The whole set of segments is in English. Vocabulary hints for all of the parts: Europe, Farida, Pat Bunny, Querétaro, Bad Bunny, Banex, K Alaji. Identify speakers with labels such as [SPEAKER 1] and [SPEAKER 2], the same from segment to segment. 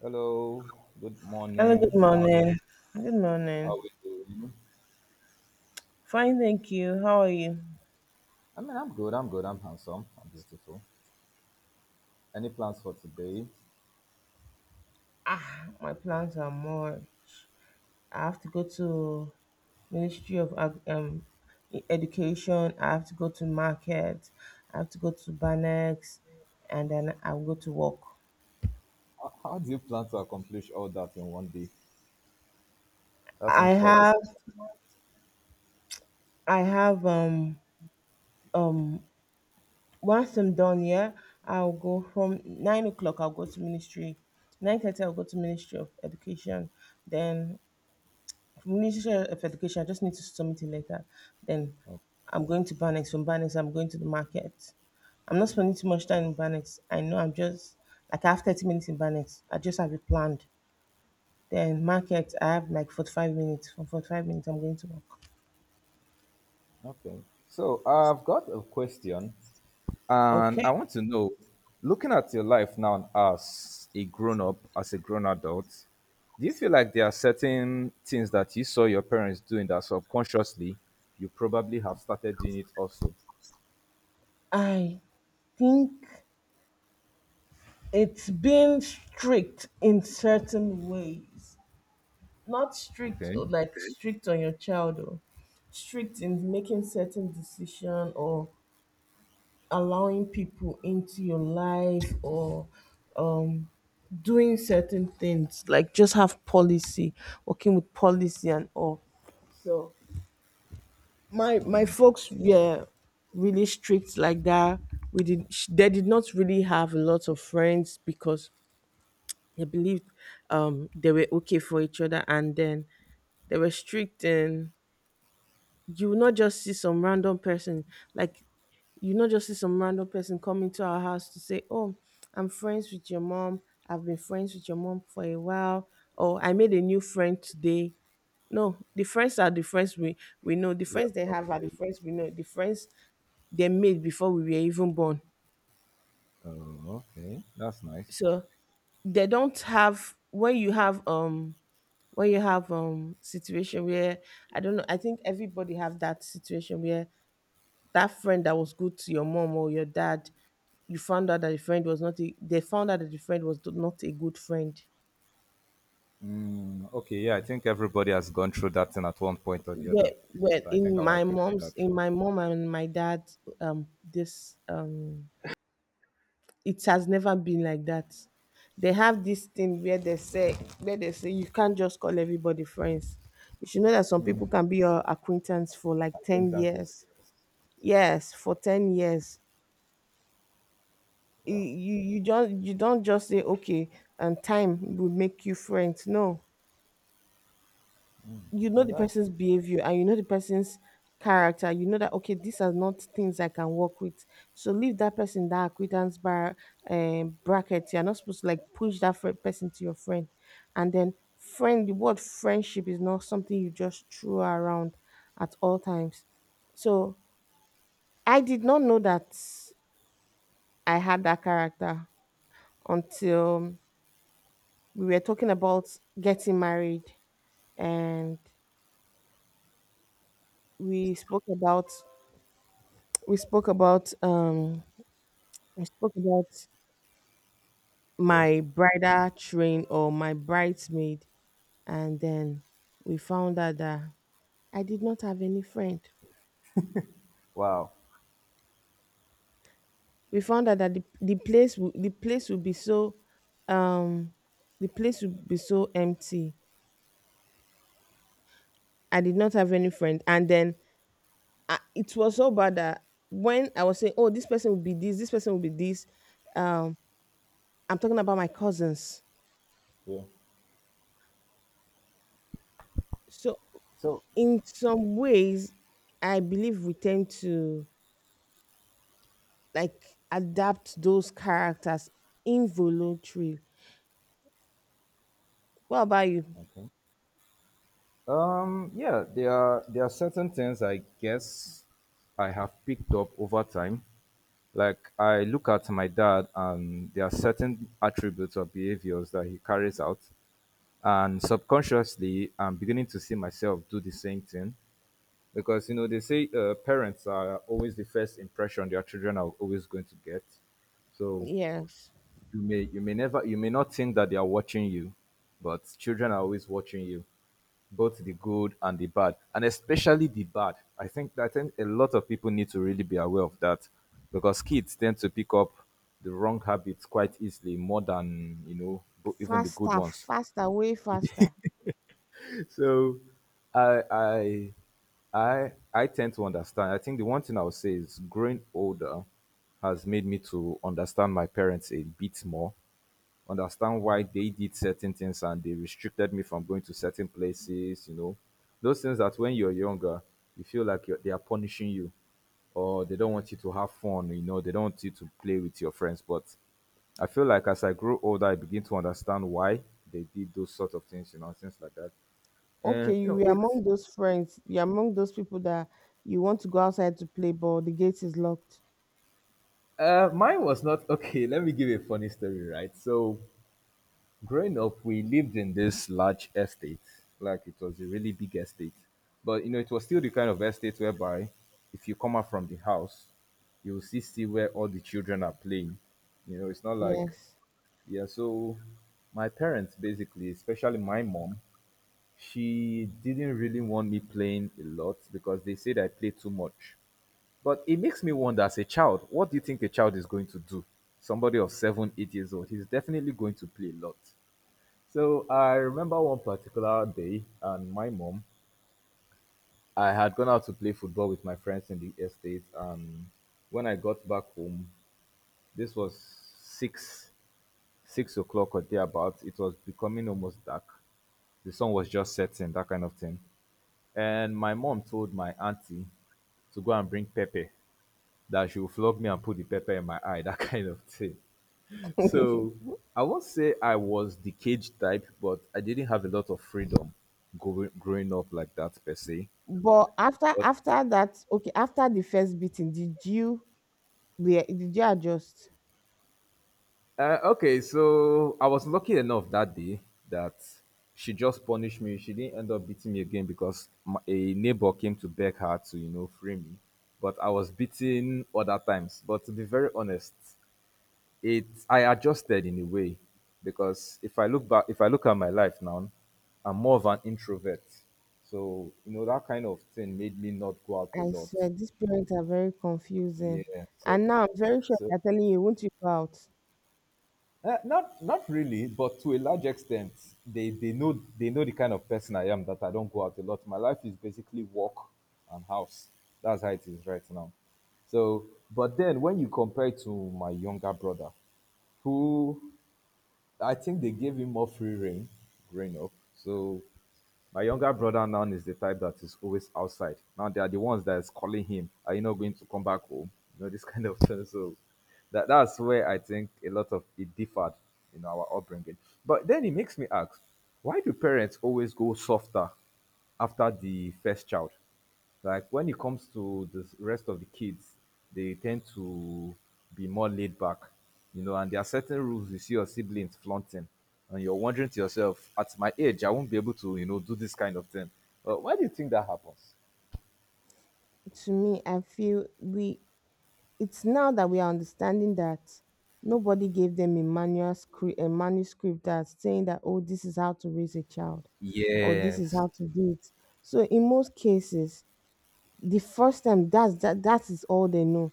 [SPEAKER 1] Hello, good
[SPEAKER 2] Hello, good
[SPEAKER 1] morning.
[SPEAKER 2] morning. Good
[SPEAKER 1] How
[SPEAKER 2] morning.
[SPEAKER 1] are we doing?
[SPEAKER 2] Fine, thank you. How are you?
[SPEAKER 1] I mean, I'm good, I'm good, I'm handsome, I'm beautiful. Any plans for today?
[SPEAKER 2] Ah, my plans are more. I have to go to Ministry of E- Education. I have to go to market. I have to go to Banex, and then I'll go to work.
[SPEAKER 1] How do you plan to accomplish all that in one day? That
[SPEAKER 2] I
[SPEAKER 1] seems quite a.
[SPEAKER 2] have, I have um. Once I'm done here, I'll go from 9 o'clock. I'll go to Ministry. 9:30, I'll go to Ministry of Education. Then Ministry of Education, I just need to submit it later. Then I'm going to Banex. From Banex, I'm going to the market. I'm not spending too much time in Banex. I know I'm just like I have 30 minutes in Banex. I just have it planned. Then market, I have like 45 minutes. From 45 minutes, I'm going to work.
[SPEAKER 1] Okay. So, I've got a question, and
[SPEAKER 2] Okay.
[SPEAKER 1] I want to know, looking at your life now as a grown up, as a grown adult, do you feel like there are certain things that you saw your parents doing that subconsciously you probably have started doing it also?
[SPEAKER 2] I think it's been strict in certain ways. Not strict
[SPEAKER 1] Okay.
[SPEAKER 2] oh, like strict on your child, or strict in making certain decision, or allowing people into your life, or um doing certain things like just have policy, working with policy and all, so yeah, really strict like that. We did they did not really have a lot of friends because they believed they were okay for each other, and then they were strict, and you will not just see some random person, like you not just see some random person coming to our house to say, "Oh, I'm friends with your mom. I've been friends with your mom for a while. Or I made a new friend today." No, the friends are the friends we know. The
[SPEAKER 1] We
[SPEAKER 2] friends they
[SPEAKER 1] have
[SPEAKER 2] have are the friends
[SPEAKER 1] updates.
[SPEAKER 2] we know. The friends they made before we were even born.
[SPEAKER 1] Oh, okay. That's nice.
[SPEAKER 2] So they don't have when you have when you have situation where, I don't know, I think everybody have that situation where that friend that was good to your mom or your dad, you found out that the friend was not a, they found out that the friend was not a good friend.
[SPEAKER 1] Mm, okay, yeah, I think everybody has gone through that thing at one point or the
[SPEAKER 2] Well,
[SPEAKER 1] other.
[SPEAKER 2] well,
[SPEAKER 1] So I think I will agree with that.
[SPEAKER 2] in
[SPEAKER 1] True.
[SPEAKER 2] my mom and my dad, um, this, um, it has never been like that. They have this thing where they say you can't just call everybody friends. You should know that some people
[SPEAKER 1] Mm.
[SPEAKER 2] can be your acquaintance for like ten
[SPEAKER 1] Acquaintances.
[SPEAKER 2] years.
[SPEAKER 1] Yes.
[SPEAKER 2] Yes, for 10 years, you
[SPEAKER 1] Wow.
[SPEAKER 2] you you just you don't just say okay and time will make you friends. No, you know
[SPEAKER 1] And
[SPEAKER 2] the
[SPEAKER 1] that's
[SPEAKER 2] person's
[SPEAKER 1] true.
[SPEAKER 2] behavior, and you know the person's character. You know that okay, these are not things I can work with, so leave that person, that acquaintance bar bracket. You're not supposed to like push that person to your friend. And then friend, the word friendship is not something you just throw around at all times. So I did not know that I had that character until we were talking about getting married, and we spoke about we spoke about we spoke about
[SPEAKER 1] Yeah.
[SPEAKER 2] my bridal train or my bridesmaid, and then we found out that I did not have any friend.
[SPEAKER 1] Wow.
[SPEAKER 2] We found out that the the place would be so um the place would be so empty. I did not have any friend, and then it was so bad that when I was saying, oh, this person will be this this person will be this um I'm talking about my cousins.
[SPEAKER 1] Yeah.
[SPEAKER 2] So
[SPEAKER 1] So,
[SPEAKER 2] in some ways, I believe we tend to like adapt those characters involuntarily. What about you?
[SPEAKER 1] okay. Yeah, there are certain things, I guess I have picked up over time. Like, I look at my dad, and there are certain attributes or behaviors that he carries out, and subconsciously I'm beginning to see myself do the same thing, because you know they say, parents are always the first impression their children are always going to get. So
[SPEAKER 2] Yes.
[SPEAKER 1] you may never, you may not think that they are watching you, but children are always watching you, both the good and the bad. And especially the bad, I think a lot of people need to really be aware of that, because kids tend to pick up the wrong habits quite easily, more than you know, even the good
[SPEAKER 2] Faster,
[SPEAKER 1] ones.
[SPEAKER 2] faster, way faster.
[SPEAKER 1] So I I I tend to understand. I think the one thing I would say is growing older has made me to understand my parents a bit more, understand why they did certain things and they restricted me from going to certain places, you know. Those things that when you're younger, you feel like they are punishing you, or they don't want you to have fun, you know, they don't want you to play with your friends. But I feel like as I grow older, I begin to understand why they did those sort of things, you know, things like that. And
[SPEAKER 2] Okay,
[SPEAKER 1] you
[SPEAKER 2] you
[SPEAKER 1] know,
[SPEAKER 2] were
[SPEAKER 1] it's
[SPEAKER 2] among those friends. You're among those people that you want to go outside to play, but the gate is locked.
[SPEAKER 1] mine was not okay. Let me give you a funny story, right? So, growing up, we lived in this large estate, like, it was a really big estate, but you know, it was still the kind of estate whereby if you come out from the house, you will see where all the children are playing. You know, it's not like,
[SPEAKER 2] Yes.
[SPEAKER 1] yeah. So, my parents basically, especially my mom, she didn't really want me playing a lot, because they said I play too much. But it makes me wonder, as a child, what do you think a child is going to do? Somebody of 7, 8 years old, he's definitely going to play a lot. So I remember one particular day, and my mom, I had gone out to play football with my friends in the estate, and when I got back home, this was six, 6 o'clock or thereabouts. It was becoming almost dark. The sun was just setting, that kind of thing. And my mom told my auntie to go and bring pepper, that she will flog me and put the pepper in my eye, that kind of thing. So I won't say I was the cage type, but I didn't have a lot of freedom, growing up like that per se.
[SPEAKER 2] But after
[SPEAKER 1] But
[SPEAKER 2] after that, okay, after the first beating, did you did you adjust?
[SPEAKER 1] uh, okay, so I was lucky enough that day that she just punished me. She didn't end up beating me again, because a neighbor came to beg her to, you know, free me. But I was beaten other times. But to be very honest, it I adjusted in a way, because if I look back, if I look at my life now, I'm more of an introvert. So, you know, that kind of thing made me not go out a
[SPEAKER 2] I
[SPEAKER 1] lot.
[SPEAKER 2] swear these parents are very confusing.
[SPEAKER 1] Yeah. So
[SPEAKER 2] And now I'm very sure
[SPEAKER 1] so
[SPEAKER 2] they're telling you, won't you go out.
[SPEAKER 1] eh, not really, but to a large extent, they know the kind of person I am, that I don't go out a lot. My life is basically work and house. That's how it is right now. So, but then when you compare it to my younger brother, who I think they gave him more free reign growing up. So my younger brother now is the type that is always outside. Now they are the ones that is calling him, are you not going to come back home? You know, this kind of thing. So that's where I think a lot of it differed in our upbringing. But then it makes me ask, why do parents always go softer after the first child? Like, when it comes to the rest of the kids, they tend to be more laid back, you know, and there are certain rules you see your siblings flaunting, and you're wondering to yourself, at my age, I won't be able to, you know, do this kind of thing. But why do you think that happens?
[SPEAKER 2] To me, I feel we it's now that we are understanding that nobody gave them a manual script a manuscript that saying that oh, this is how to raise a child, or this is
[SPEAKER 1] Yes.
[SPEAKER 2] how to do it. So in most cases, the first time that is all they know.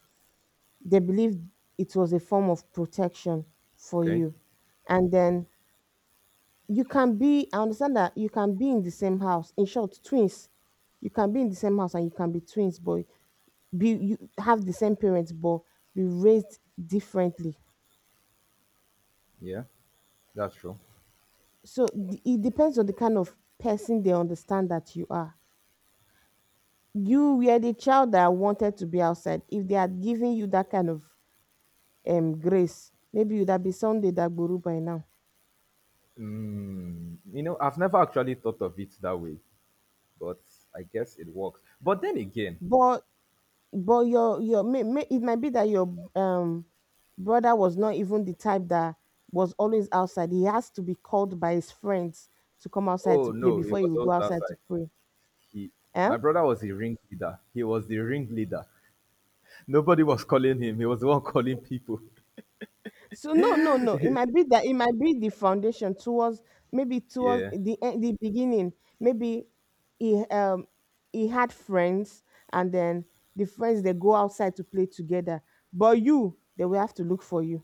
[SPEAKER 2] They believed it was a form of protection for
[SPEAKER 1] Okay.
[SPEAKER 2] you. And then you can be, I understand that you can be in the same house. In short, twins. You can be in the same house and you can be twins, but be you have the same parents, but be raised differently.
[SPEAKER 1] Yeah, that's true.
[SPEAKER 2] So it depends on the kind of person they understand that you are. You were the child that wanted to be outside. If they had given you that kind of grace, maybe you'd have been Sunday that guru by now.
[SPEAKER 1] Mm, you know, I've never actually thought of it that way, but I guess it works. But then again,
[SPEAKER 2] But But your it might be that your brother was not even the type that was always outside. He has to be called by his friends to come outside to
[SPEAKER 1] oh
[SPEAKER 2] play
[SPEAKER 1] no, it
[SPEAKER 2] before he
[SPEAKER 1] was
[SPEAKER 2] will go
[SPEAKER 1] always
[SPEAKER 2] outside to
[SPEAKER 1] outside.
[SPEAKER 2] pray.
[SPEAKER 1] He, my
[SPEAKER 2] Eh?
[SPEAKER 1] brother was the ringleader. He was the ringleader. Nobody was calling him. He was the one calling people.
[SPEAKER 2] So No. It might be that it might be the foundation towards, maybe towards
[SPEAKER 1] Yeah.
[SPEAKER 2] the beginning. Maybe he um he had friends, and then the friends they go outside to play together. But you, they will have to look for you.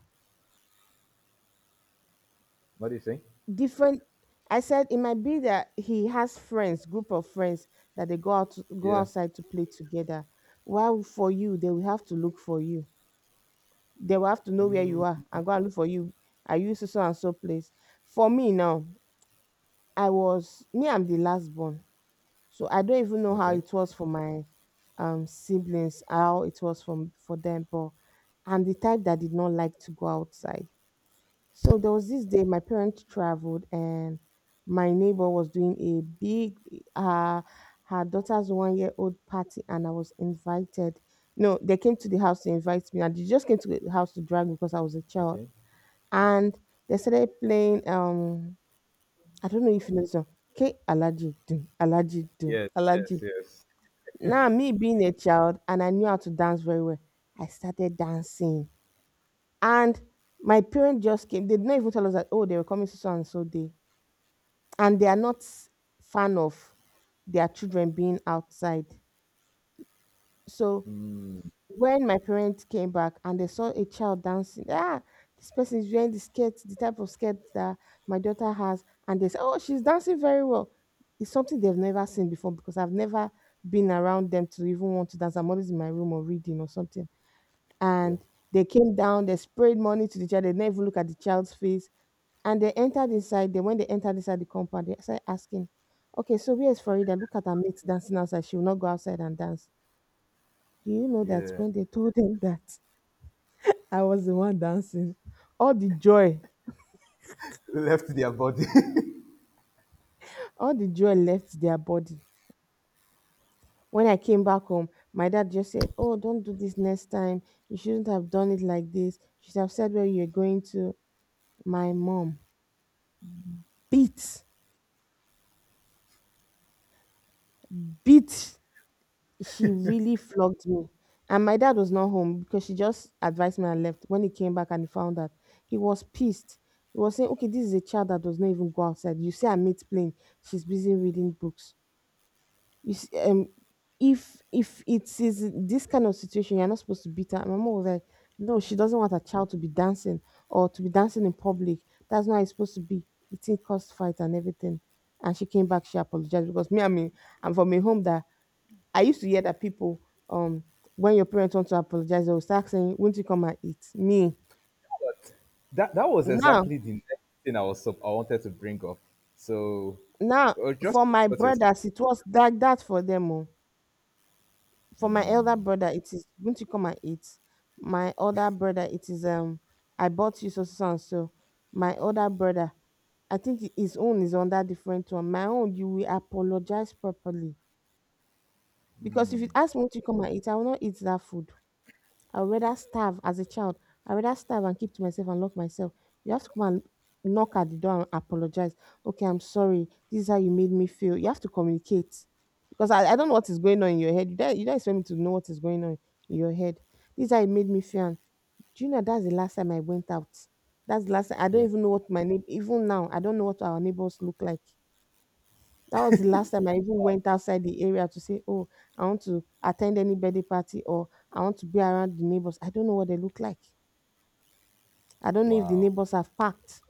[SPEAKER 1] What do you think?
[SPEAKER 2] Different. I said it might be that he has friends, group of friends that they go out to, go
[SPEAKER 1] Yeah.
[SPEAKER 2] outside to play together, while for you they will have to look for you. They will have to know where you are and go and look for you. Are you so so and so place? For me now, I was me I'm the last born, so I don't even know how
[SPEAKER 1] Okay.
[SPEAKER 2] it was for my siblings, how it was from for them. But I'm the type that did not like to go outside. So there was this day my parents traveled, and my neighbor was doing a big uh her daughter's 1 year old party, and I was invited. No, they came to the house to invite me, and they just came to the house to drag me because I was a child.
[SPEAKER 1] Okay.
[SPEAKER 2] And they started playing I don't know if you know this song. K Alaji do Alaji do
[SPEAKER 1] Yes.
[SPEAKER 2] Alaji.
[SPEAKER 1] Yes. Yes.
[SPEAKER 2] Now me being a child, and I knew how to dance very well, I started dancing. And my parents just came. They did not even tell us that, oh, they were coming to so and so day. And they are not fan of their children being outside. So when my parents came back and they saw a child dancing, ah, this person is wearing the skirt, the type of skirt that my daughter has, and they say, oh, she's dancing very well. It's something they've never seen before, because I've never been around them to even want to dance. I'm always in my room, or reading, or something.
[SPEAKER 1] Yeah.
[SPEAKER 2] And they came down, they sprayed money to the child, they never look at the child's face, and they entered inside. They when they entered inside the compound, they started asking, "Okay, so where's Farida? Look at her mates dancing outside. She will not go outside and dance." Do you know that
[SPEAKER 1] Yeah.
[SPEAKER 2] when they told them that I was the one dancing, all the joy,
[SPEAKER 1] Left their body.
[SPEAKER 2] all the joy left their body. When I came back home, my dad just said, "Oh, don't do this next time. You shouldn't have done it like this. You should have said where you're going to." My mom beat, beat, she really flogged me. And my dad was not home, because she just advised me and left. When he came back and he found out, he was pissed. He was saying, "Okay, this is a child that does not even go outside. You see, I'm playing. She's busy reading books. You see, if it is this kind of situation, you're not supposed to beat her." My mom was like, "No, she doesn't want her child to be dancing or to be dancing in public. That's not how it's supposed to be." The thing caused fight and everything. And she came back, she apologized, because me, I mean, I'm from a home that I used to hear that people, um, when your parents want to apologize, they will start saying, "Won't you come and eat?"
[SPEAKER 1] But that was
[SPEAKER 2] Now,
[SPEAKER 1] exactly the next thing I wanted to bring up. So,
[SPEAKER 2] now
[SPEAKER 1] just
[SPEAKER 2] for my
[SPEAKER 1] what you're saying.
[SPEAKER 2] brothers, it was like that for them. Oh. For my elder brother, it is, "Won't you come and eat?" My older brother, it is, "I bought you so so so, and so." My older brother, I think his own is under different one. My own, you will apologize properly, because if you ask me to come and eat, I will not eat that food. I would rather starve as a child. I would rather starve, and keep to myself, and lock myself. You have to come and knock at the door and apologize. Okay, I'm sorry. This is how you made me feel. You have to communicate because I don't know what is going on in your head. You don't expect me to know what is going on in your head. This is how it made me feel. And do you know that's the last time I went out? That's the last time. I don't
[SPEAKER 1] Yeah.
[SPEAKER 2] even know what my name, even now, I don't know what our neighbors look like. That was the last time I even went outside the area to say, "Oh, I want to attend any birthday party or I want to be around the neighbors." I don't know what they look like. I don't know if the
[SPEAKER 1] Wow.
[SPEAKER 2] neighbors have packed.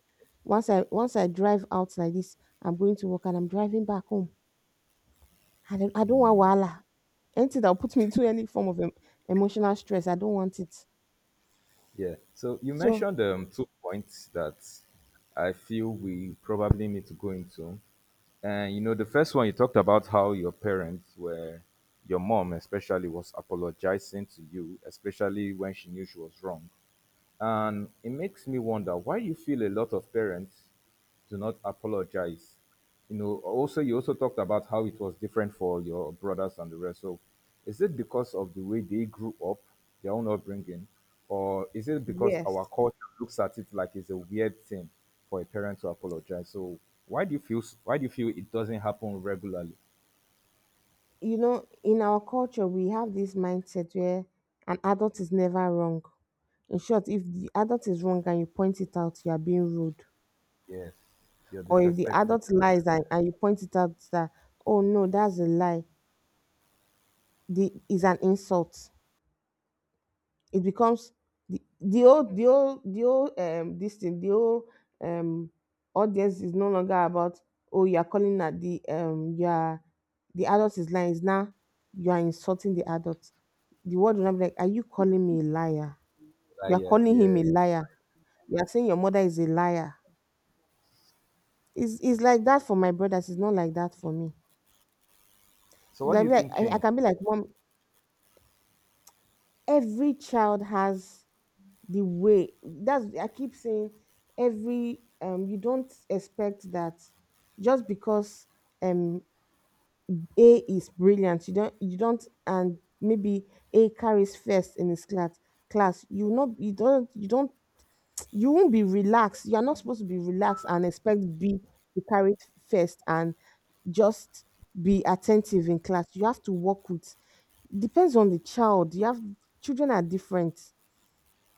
[SPEAKER 2] Once I drive out like this, I'm going to work and I'm driving back home. I don't want wahala. Anything that will put me through any form of emotional stress, I don't want it.
[SPEAKER 1] Yeah. So, you
[SPEAKER 2] So
[SPEAKER 1] mentioned two points that I feel we probably need to go into. And you know, the first one, you talked about how your parents were, your mom especially was apologizing to you, especially when she knew she was wrong. And it makes me wonder why you feel a lot of parents do not apologize. You know, also, you also talked about how it was different for your brothers and the rest. So, is it because of the way they grew up, their own upbringing, or is it because our
[SPEAKER 2] yes,
[SPEAKER 1] culture looks at it like it's a weird thing for a parent to apologize? So why do you feel it doesn't happen regularly?
[SPEAKER 2] you know, in our culture, we have this mindset where an adult is never wrong. In short, if the adult is wrong and you point it out, you are being rude.
[SPEAKER 1] Yes. You're
[SPEAKER 2] Or if the
[SPEAKER 1] disrespectful.
[SPEAKER 2] adult lies and you point it out that, oh no, that's a lie, the is an insult. It becomes the old this thing, the old um audience is no longer about, oh, you are calling at the you are, the adult is lying, is now you are insulting the adult. The word will not be like, are you calling me a liar?
[SPEAKER 1] Ah,
[SPEAKER 2] You are
[SPEAKER 1] yeah,
[SPEAKER 2] calling him a
[SPEAKER 1] yes.
[SPEAKER 2] liar, you are saying your mother is a liar. It's like that for my brothers, it's not like that for me.
[SPEAKER 1] So what do
[SPEAKER 2] like,
[SPEAKER 1] you
[SPEAKER 2] like
[SPEAKER 1] think
[SPEAKER 2] I
[SPEAKER 1] changed?
[SPEAKER 2] can be like, mom, every child has the way, that's, I keep saying, every you don't expect that just because um a is brilliant, you don't and maybe A carries first in his class. You won't be relaxed, you are not supposed to be relaxed and expect B to carry it first, and just be attentive in class. You have to work with, depends on the child you have. Children are different.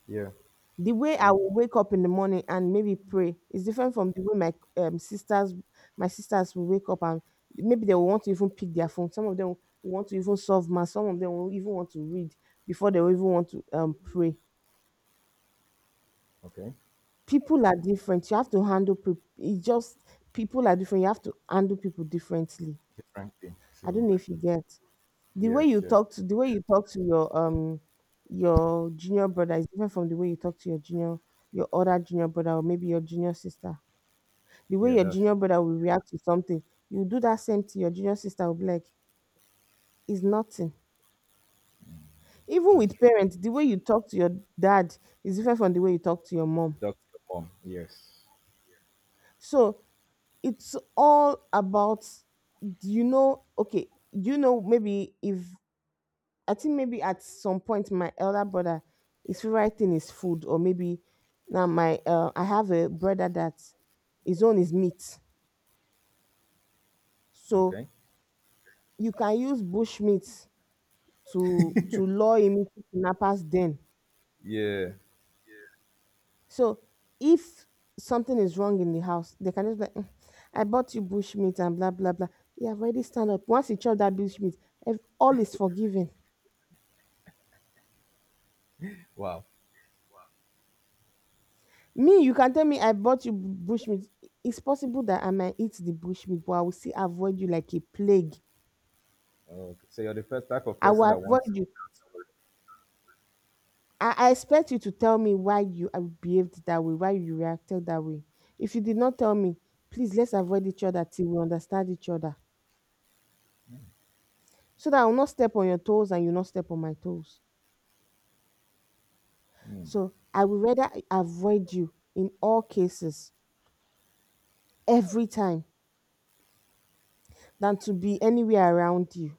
[SPEAKER 1] Yeah.
[SPEAKER 2] The way I will wake up in the morning and maybe pray is different from the way my sisters, my sisters will wake up and maybe they will want to even pick their phone. Some of them will want to even solve math. Some of them will even want to read before they will even want to pray.
[SPEAKER 1] Okay.
[SPEAKER 2] People are different. You have to handle people. It's just, people are different. You have to handle people differently.
[SPEAKER 1] Different thing.
[SPEAKER 2] I don't
[SPEAKER 1] True.
[SPEAKER 2] know if you get,
[SPEAKER 1] Yes, yes.
[SPEAKER 2] the way you talk to your junior brother is different from the way you talk to your junior, your other junior brother, or maybe your junior sister. The way
[SPEAKER 1] Yeah,
[SPEAKER 2] your
[SPEAKER 1] that's
[SPEAKER 2] junior brother will react to something, you do that same to your junior sister, will be like, it's nothing. Even
[SPEAKER 1] that's
[SPEAKER 2] with
[SPEAKER 1] right.
[SPEAKER 2] parents, the way you talk to your dad is different from the way you talk to your mom.
[SPEAKER 1] Dr. Mom. Yes.
[SPEAKER 2] So it's all about, do you know, okay, you know maybe if, I think maybe at some point, my elder brother, his favorite thing is food. Or maybe now my I have a brother that his own is meat. So
[SPEAKER 1] Okay.
[SPEAKER 2] you can use bush meat to lure him into kidnappers den.
[SPEAKER 1] Yeah.
[SPEAKER 2] So if something is wrong in the house, they can just be like, "Mm, I bought you bush meat and blah blah blah. You have already stand up. Once you chop that bush meat, all is forgiven."
[SPEAKER 1] Wow.
[SPEAKER 2] Me, you can tell me I bought you bush meat. It's possible that I might eat the bush meat, but I will still avoid you like a plague.
[SPEAKER 1] Okay. So you're the first type of
[SPEAKER 2] I
[SPEAKER 1] person
[SPEAKER 2] will
[SPEAKER 1] that wants,
[SPEAKER 2] avoid you. I expect you to tell me why you behaved that way, why you reacted that way. If you did not tell me, please, let's avoid each other till we understand each other, so that I will not step on your toes and you not step on my toes. So I would rather avoid you in all cases, every time, than to be anywhere around you.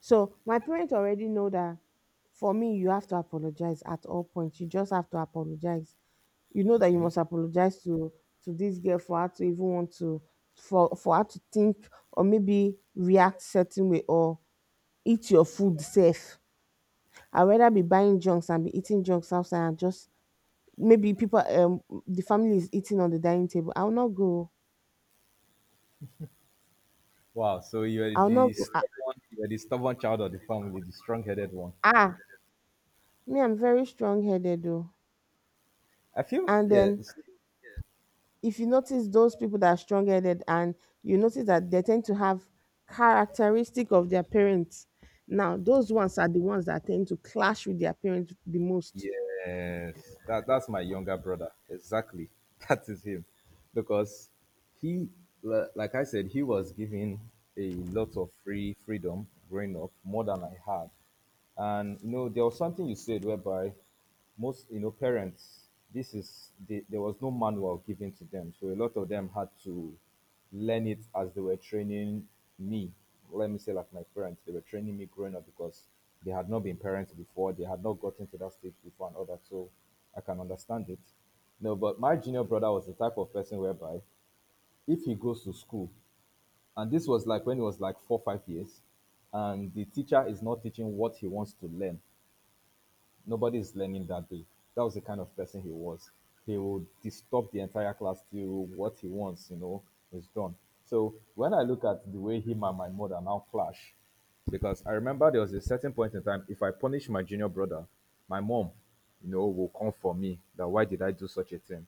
[SPEAKER 2] So my parents already know that for me, you have to apologize at all points. You just have to apologize. You know that you
[SPEAKER 1] okay.
[SPEAKER 2] must apologize to this girl for her to even want to, for her to think or maybe react certain way or eat your food safe. I'd rather be buying junks and be eating junks outside and just maybe people, the family is eating on the dining table, I'll not go.
[SPEAKER 1] Wow. So you're
[SPEAKER 2] I'll not
[SPEAKER 1] the
[SPEAKER 2] go. Ah,
[SPEAKER 1] stubborn child of the family, the strong headed one.
[SPEAKER 2] ah, me, I'm very strong headed though.
[SPEAKER 1] I feel,
[SPEAKER 2] And
[SPEAKER 1] yeah,
[SPEAKER 2] then if you notice those people that are strong headed, and you notice that they tend to have characteristic of their parents, now those ones are the ones that tend to clash with their parents the most.
[SPEAKER 1] yes, that's my younger brother. Exactly, that is him, because he, like I said, he was given a lot of freedom growing up, more than I had. And you know, there was something you said whereby most, parents, there was no manual given to them, so a lot of them had to learn it as they were training me. Let me say, like, my parents, they were training me growing up because they had not been parents before, they had not gotten to that stage before, and all that, so I can understand it. No, but my junior brother was the type of person whereby, if he goes to school, and this was like when he was like 4, 5 years, and the teacher is not teaching what he wants to learn, nobody is learning that day. That was the kind of person he was. He will disturb the entire class till what he wants, you know, is done. So when I look at the way him and my mother now clash, because I remember there was a certain point in time, if I punish my junior brother, my mom, you know, will come for me. That, why did I do such a thing?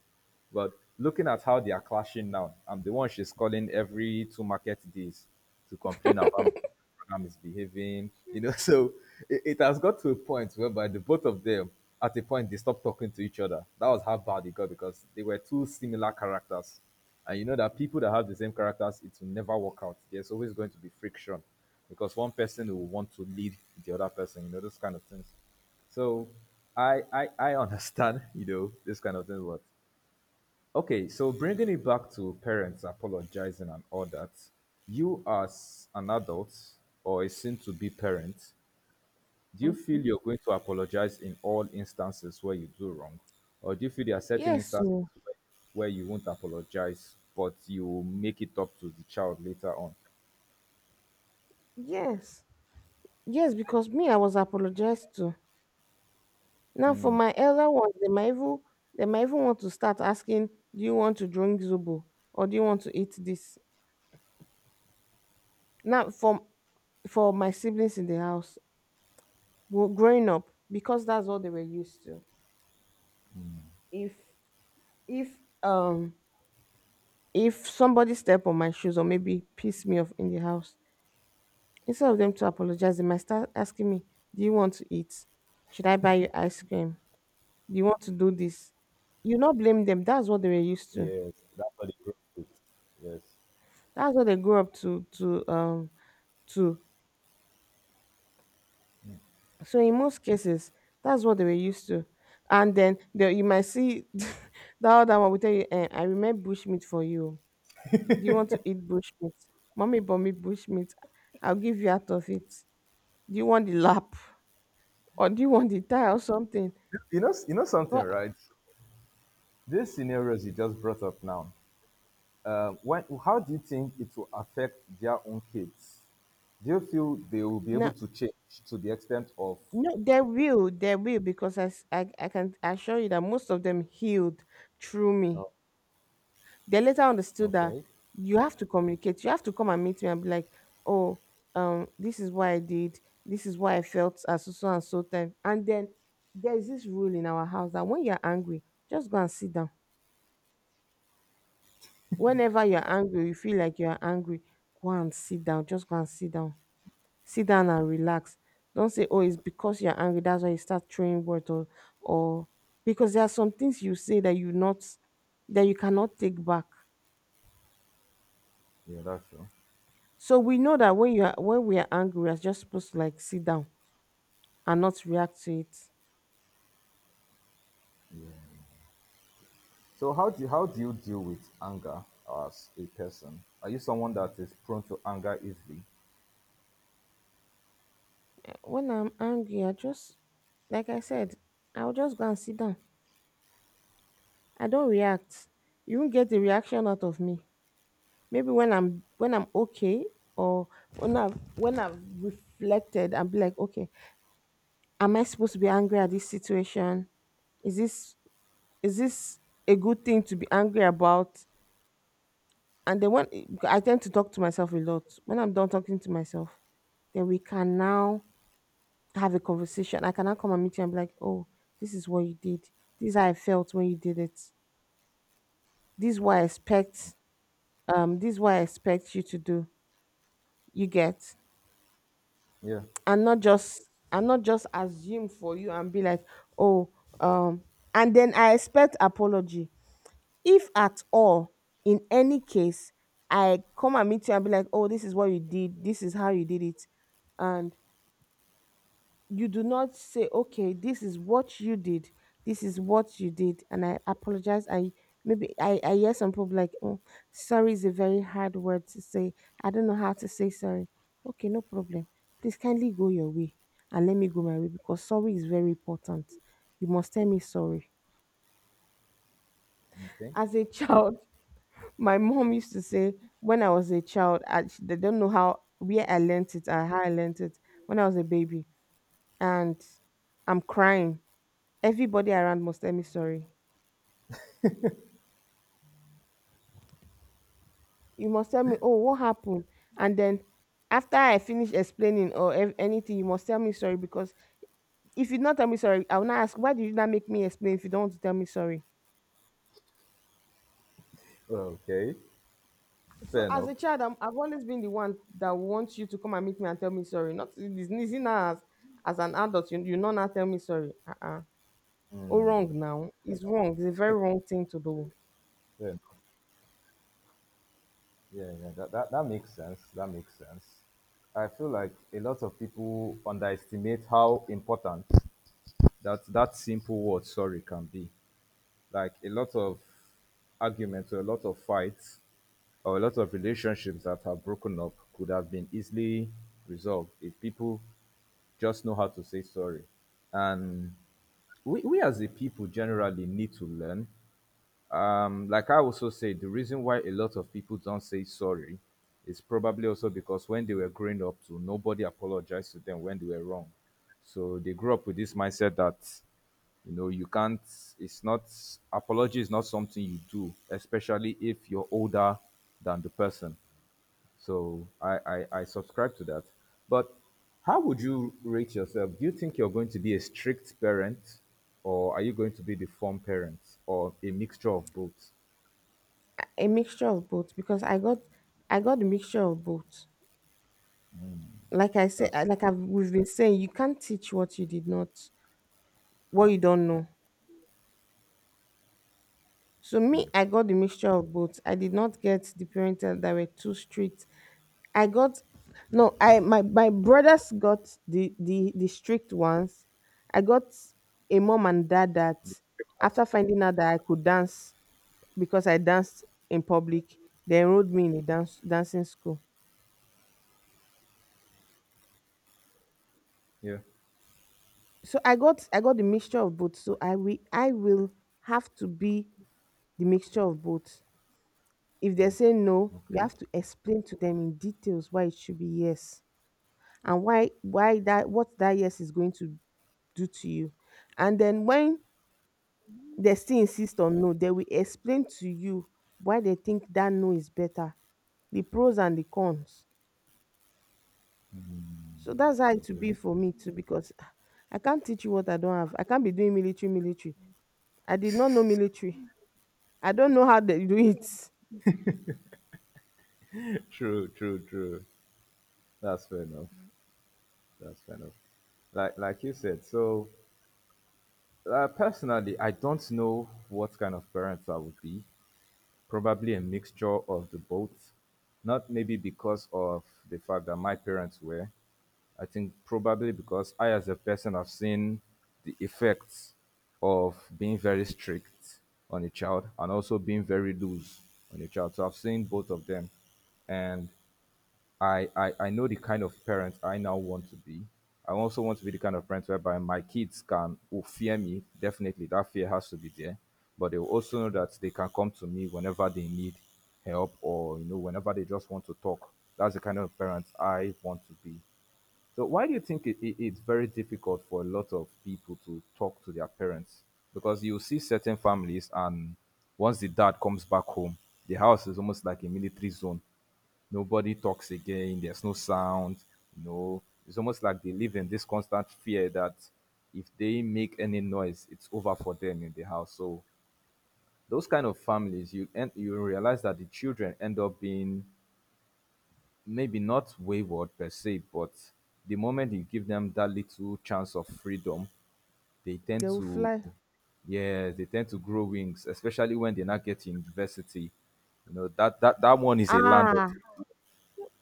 [SPEAKER 1] But looking at how they are clashing now, I'm the one she's calling every 2 market days to complain about program is behaving, you know. So it has got to a point whereby the both of them, at a point, they stopped talking to each other. That was how bad it got, because they were two similar characters. And you know that people that have the same characters, it will never work out. There's always going to be friction, because one person will want to lead the other person, you know, those kind of things. So I understand, you know, this kind of thing, but okay, so bringing it back to parents apologizing and all that, you as an adult or a soon to be parent, do you feel
[SPEAKER 2] Mhm.
[SPEAKER 1] you're going to apologize in all instances where you do wrong? Or do you feel there are certain
[SPEAKER 2] Yes,
[SPEAKER 1] instances
[SPEAKER 2] so
[SPEAKER 1] where, where you won't apologize, but you will make it up to the child later on?
[SPEAKER 2] yes, yes, because me, I was apologized to. Now for my elder ones, they might even want to start asking, "Do you want to drink zobo or do you want to eat this?" Now for my siblings in the house, well, growing up, because that's what they were used to. If if um if somebody step on my shoes or maybe piss me off in the house, instead of them to apologize, they might start asking me, "Do you want to eat? Should I buy you ice cream? Do you want to do this?" You not blame them. That's what they were used to.
[SPEAKER 1] Yes, that's what it goes with. Yes.
[SPEAKER 2] That's what they grew up to, too. So in most cases, that's what they were used to. And then the, you might see that other one will tell you, "Eh, I remember bush meat for you. Do you want to eat bush meat? Mommy bought me bush meat. I'll give you out of it. Do you want the lap or do you want the thigh or something?"
[SPEAKER 1] You know something,
[SPEAKER 2] But
[SPEAKER 1] right? These scenarios you just brought up now, how do you think it will affect their own kids? Do you feel they will be
[SPEAKER 2] no,
[SPEAKER 1] able to change to the extent of?
[SPEAKER 2] no, there will, because I can assure you that most of them healed through me.
[SPEAKER 1] Oh,
[SPEAKER 2] They later understood that
[SPEAKER 1] okay,
[SPEAKER 2] you have to communicate. You have to come and meet me and be like, "Oh, this is what I did. This is why I felt at so so and so time." And then there's this rule in our house that when you're angry, just go and sit down. Whenever you're angry, you feel like you're angry, go and sit down. Just go and sit down. Sit down and relax. Don't say, "Oh, it's because you're angry, that's why you start throwing words," or because there are some things you say that, you not that you cannot take back.
[SPEAKER 1] yeah, that's true.
[SPEAKER 2] So we know that when you are, when we are angry, we are just supposed to like sit down and not react to it.
[SPEAKER 1] So how do you deal with anger as a person? Are you someone that is prone to anger easily?
[SPEAKER 2] Eh, when I'm angry, I just, like I said, I'll just go and sit down. I don't react. You won't get the reaction out of me. Maybe when I'm okay, or when I've reflected and be like, okay, am I supposed to be angry at this situation? Is this is this a good thing to be angry about? And then when, I tend to talk to myself a lot. When I'm done talking to myself, then we can now have a conversation. I can now come and meet you and be like, "Oh, this is what you did. This is how I felt when you did it. This is what I expect. This is what I expect you to do. You get."
[SPEAKER 1] Yeah.
[SPEAKER 2] And not just and not just assume for you and be like, "Oh, um, and then I expect apology. If at all, in any case, I come and meet you and be like, "Oh, this is what you did, this is how you did it," and you do not say, "Okay, this is what you did, this is what you did, and I apologize." I maybe I hear some people like, "Oh, sorry is a very hard word to say. I don't know how to say sorry." Okay, no problem. Please kindly go your way and let me go my way because sorry is very important. You must tell me sorry.
[SPEAKER 1] Okay.
[SPEAKER 2] As a child, my mom used to say, when I was a child, they don't know how, where I learnt it and how I learnt it. When I was a baby, and I'm crying, everybody around must tell me sorry. You must tell me, "Oh, what happened?" And then after I finish explaining or anything, you must tell me sorry because if you not tell me sorry, I will not ask, why did you not make me explain if you don't want to tell me sorry?
[SPEAKER 1] Okay.
[SPEAKER 2] So
[SPEAKER 1] Fair
[SPEAKER 2] as
[SPEAKER 1] enough.
[SPEAKER 2] a child, I've always been the one that wants you to come and meet me and tell me sorry. Not it's easy now as an adult, you not now tell me sorry. Or wrong, now it's wrong, it's a very wrong thing to do.
[SPEAKER 1] Fair enough. Yeah, yeah. That makes sense. That makes sense. I feel like a lot of people underestimate how important that simple word sorry can be. Like a lot of arguments or a lot of fights or a lot of relationships that have broken up could have been easily resolved if people just know how to say sorry. And we as a people generally need to learn, like I also said, the reason why a lot of people don't say sorry is probably also because when they were growing up too, nobody apologized to them when they were wrong. So they grew up with this mindset that, you know, you can't, it's not, apology is not something you do, especially if you're older than the person. So I subscribe to that. But how would you rate yourself? Do you think you're going to be a strict parent or are you going to be the fun parent or a mixture of both?
[SPEAKER 2] A mixture of both because I got the mixture of both. Like I said,
[SPEAKER 1] That's
[SPEAKER 2] like I've we've been saying, you can't teach what you did not, what
[SPEAKER 1] how
[SPEAKER 2] you don't know. So me, I got the mixture of both. I did not get the parents that were too strict. I got, no, I my my brothers got the strict ones. I got a mom and dad
[SPEAKER 1] the
[SPEAKER 2] that,
[SPEAKER 1] script has,
[SPEAKER 2] after finding out that I could dance, because I danced in public, they enrolled me in a dance, dancing school.
[SPEAKER 1] yeah,
[SPEAKER 2] So I got the mixture of both. So I will have to be the mixture of both. If they
[SPEAKER 1] those.
[SPEAKER 2] say no, you
[SPEAKER 1] Okay,
[SPEAKER 2] have to explain to them in details why it should be yes, and why that, what that yes is going to do to you. And then when they still insist on no, they will explain to you why they think that no is better, the pros and the cons. So that's how it will be
[SPEAKER 1] okay.
[SPEAKER 2] for me too, because ah, I can't teach you what I don't have. I can't be doing military. I did not know military. I don't know how they do it.
[SPEAKER 1] True. That's fair enough. That's fair enough. Like you said, so personally, I don't know what kind of parents I would be. Probably a mixture of the both. Not maybe because of the fact that my parents were, I think probably because I, as a person, have seen the effects of being very strict on a child and also being very loose on a child. So I've seen both of them. And I know the kind of parent I now want to be. I also want to be the kind of parent whereby my kids can who fear me. Definitely, that fear has to be there. But they will also know that they can come to me whenever they need help or you know whenever they just want to talk. That's the kind of parent I want to be. So why do you think it's very difficult for a lot of people to talk to their parents? Because you see certain families, and once the dad comes back home, the house is almost like a military zone. Nobody talks again. There's no sound. You know, it's almost like they live in this constant fear that if they make any noise, it's over for them in the house. So those kind of families, you and you realize that the children end up being maybe not wayward per se, but the moment you give them that little chance of freedom, they
[SPEAKER 2] They
[SPEAKER 1] tend
[SPEAKER 2] will
[SPEAKER 1] to,
[SPEAKER 2] fly.
[SPEAKER 1] yeah, they tend to grow wings, especially when they not get to university. You know that that one is a land of
[SPEAKER 2] Ah.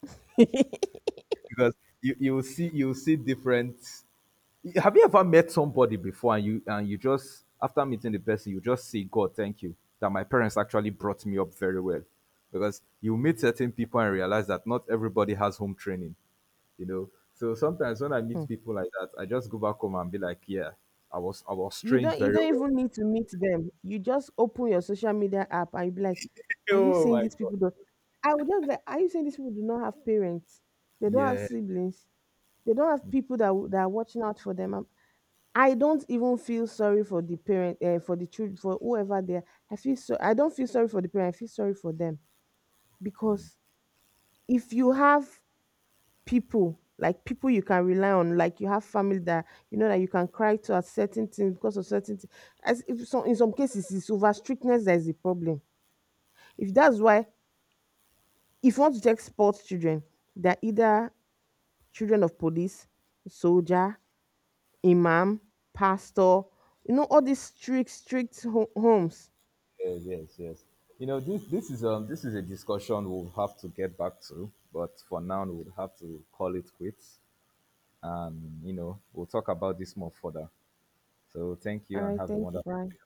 [SPEAKER 1] because you will see you will see different. Have you ever met somebody before and you just after meeting the person you just say God thank you that my parents actually brought me up very well because you meet certain people and realize that not everybody has home training you know. So sometimes when I
[SPEAKER 2] Hmm.
[SPEAKER 1] meet people like that, I just go back home and be like, yeah, I was trained
[SPEAKER 2] You
[SPEAKER 1] very
[SPEAKER 2] don't
[SPEAKER 1] well.
[SPEAKER 2] even need to meet them. You just open your social media app and you be like, "Are you
[SPEAKER 1] Oh
[SPEAKER 2] saying
[SPEAKER 1] my
[SPEAKER 2] these
[SPEAKER 1] god.
[SPEAKER 2] people don't—" I would just be like, "Are you saying these people do not have parents? They don't have
[SPEAKER 1] Yeah,
[SPEAKER 2] siblings, they don't have people that, that are watching out for them." I don't even feel sorry for the parent, for the children, for whoever they are. I feel so. I don't feel sorry for the parent. I feel sorry for them because if you have people, like people you can rely on, like you have family that you know that you can cry to at certain things because of certain things. As if some, in some cases, it's over strictness that is the problem. If that's why, if you want to take sports children, they're either children of police, soldier, imam, pastor. You know all these strict, strict homes.
[SPEAKER 1] yeah, yes, yes. You know, this is a discussion we'll have to get back to, but for now we'll have to call it quits and you know, we'll talk about this more further. So thank
[SPEAKER 2] All
[SPEAKER 1] you and
[SPEAKER 2] right.
[SPEAKER 1] have a
[SPEAKER 2] Thank you,
[SPEAKER 1] wonderful
[SPEAKER 2] Brian.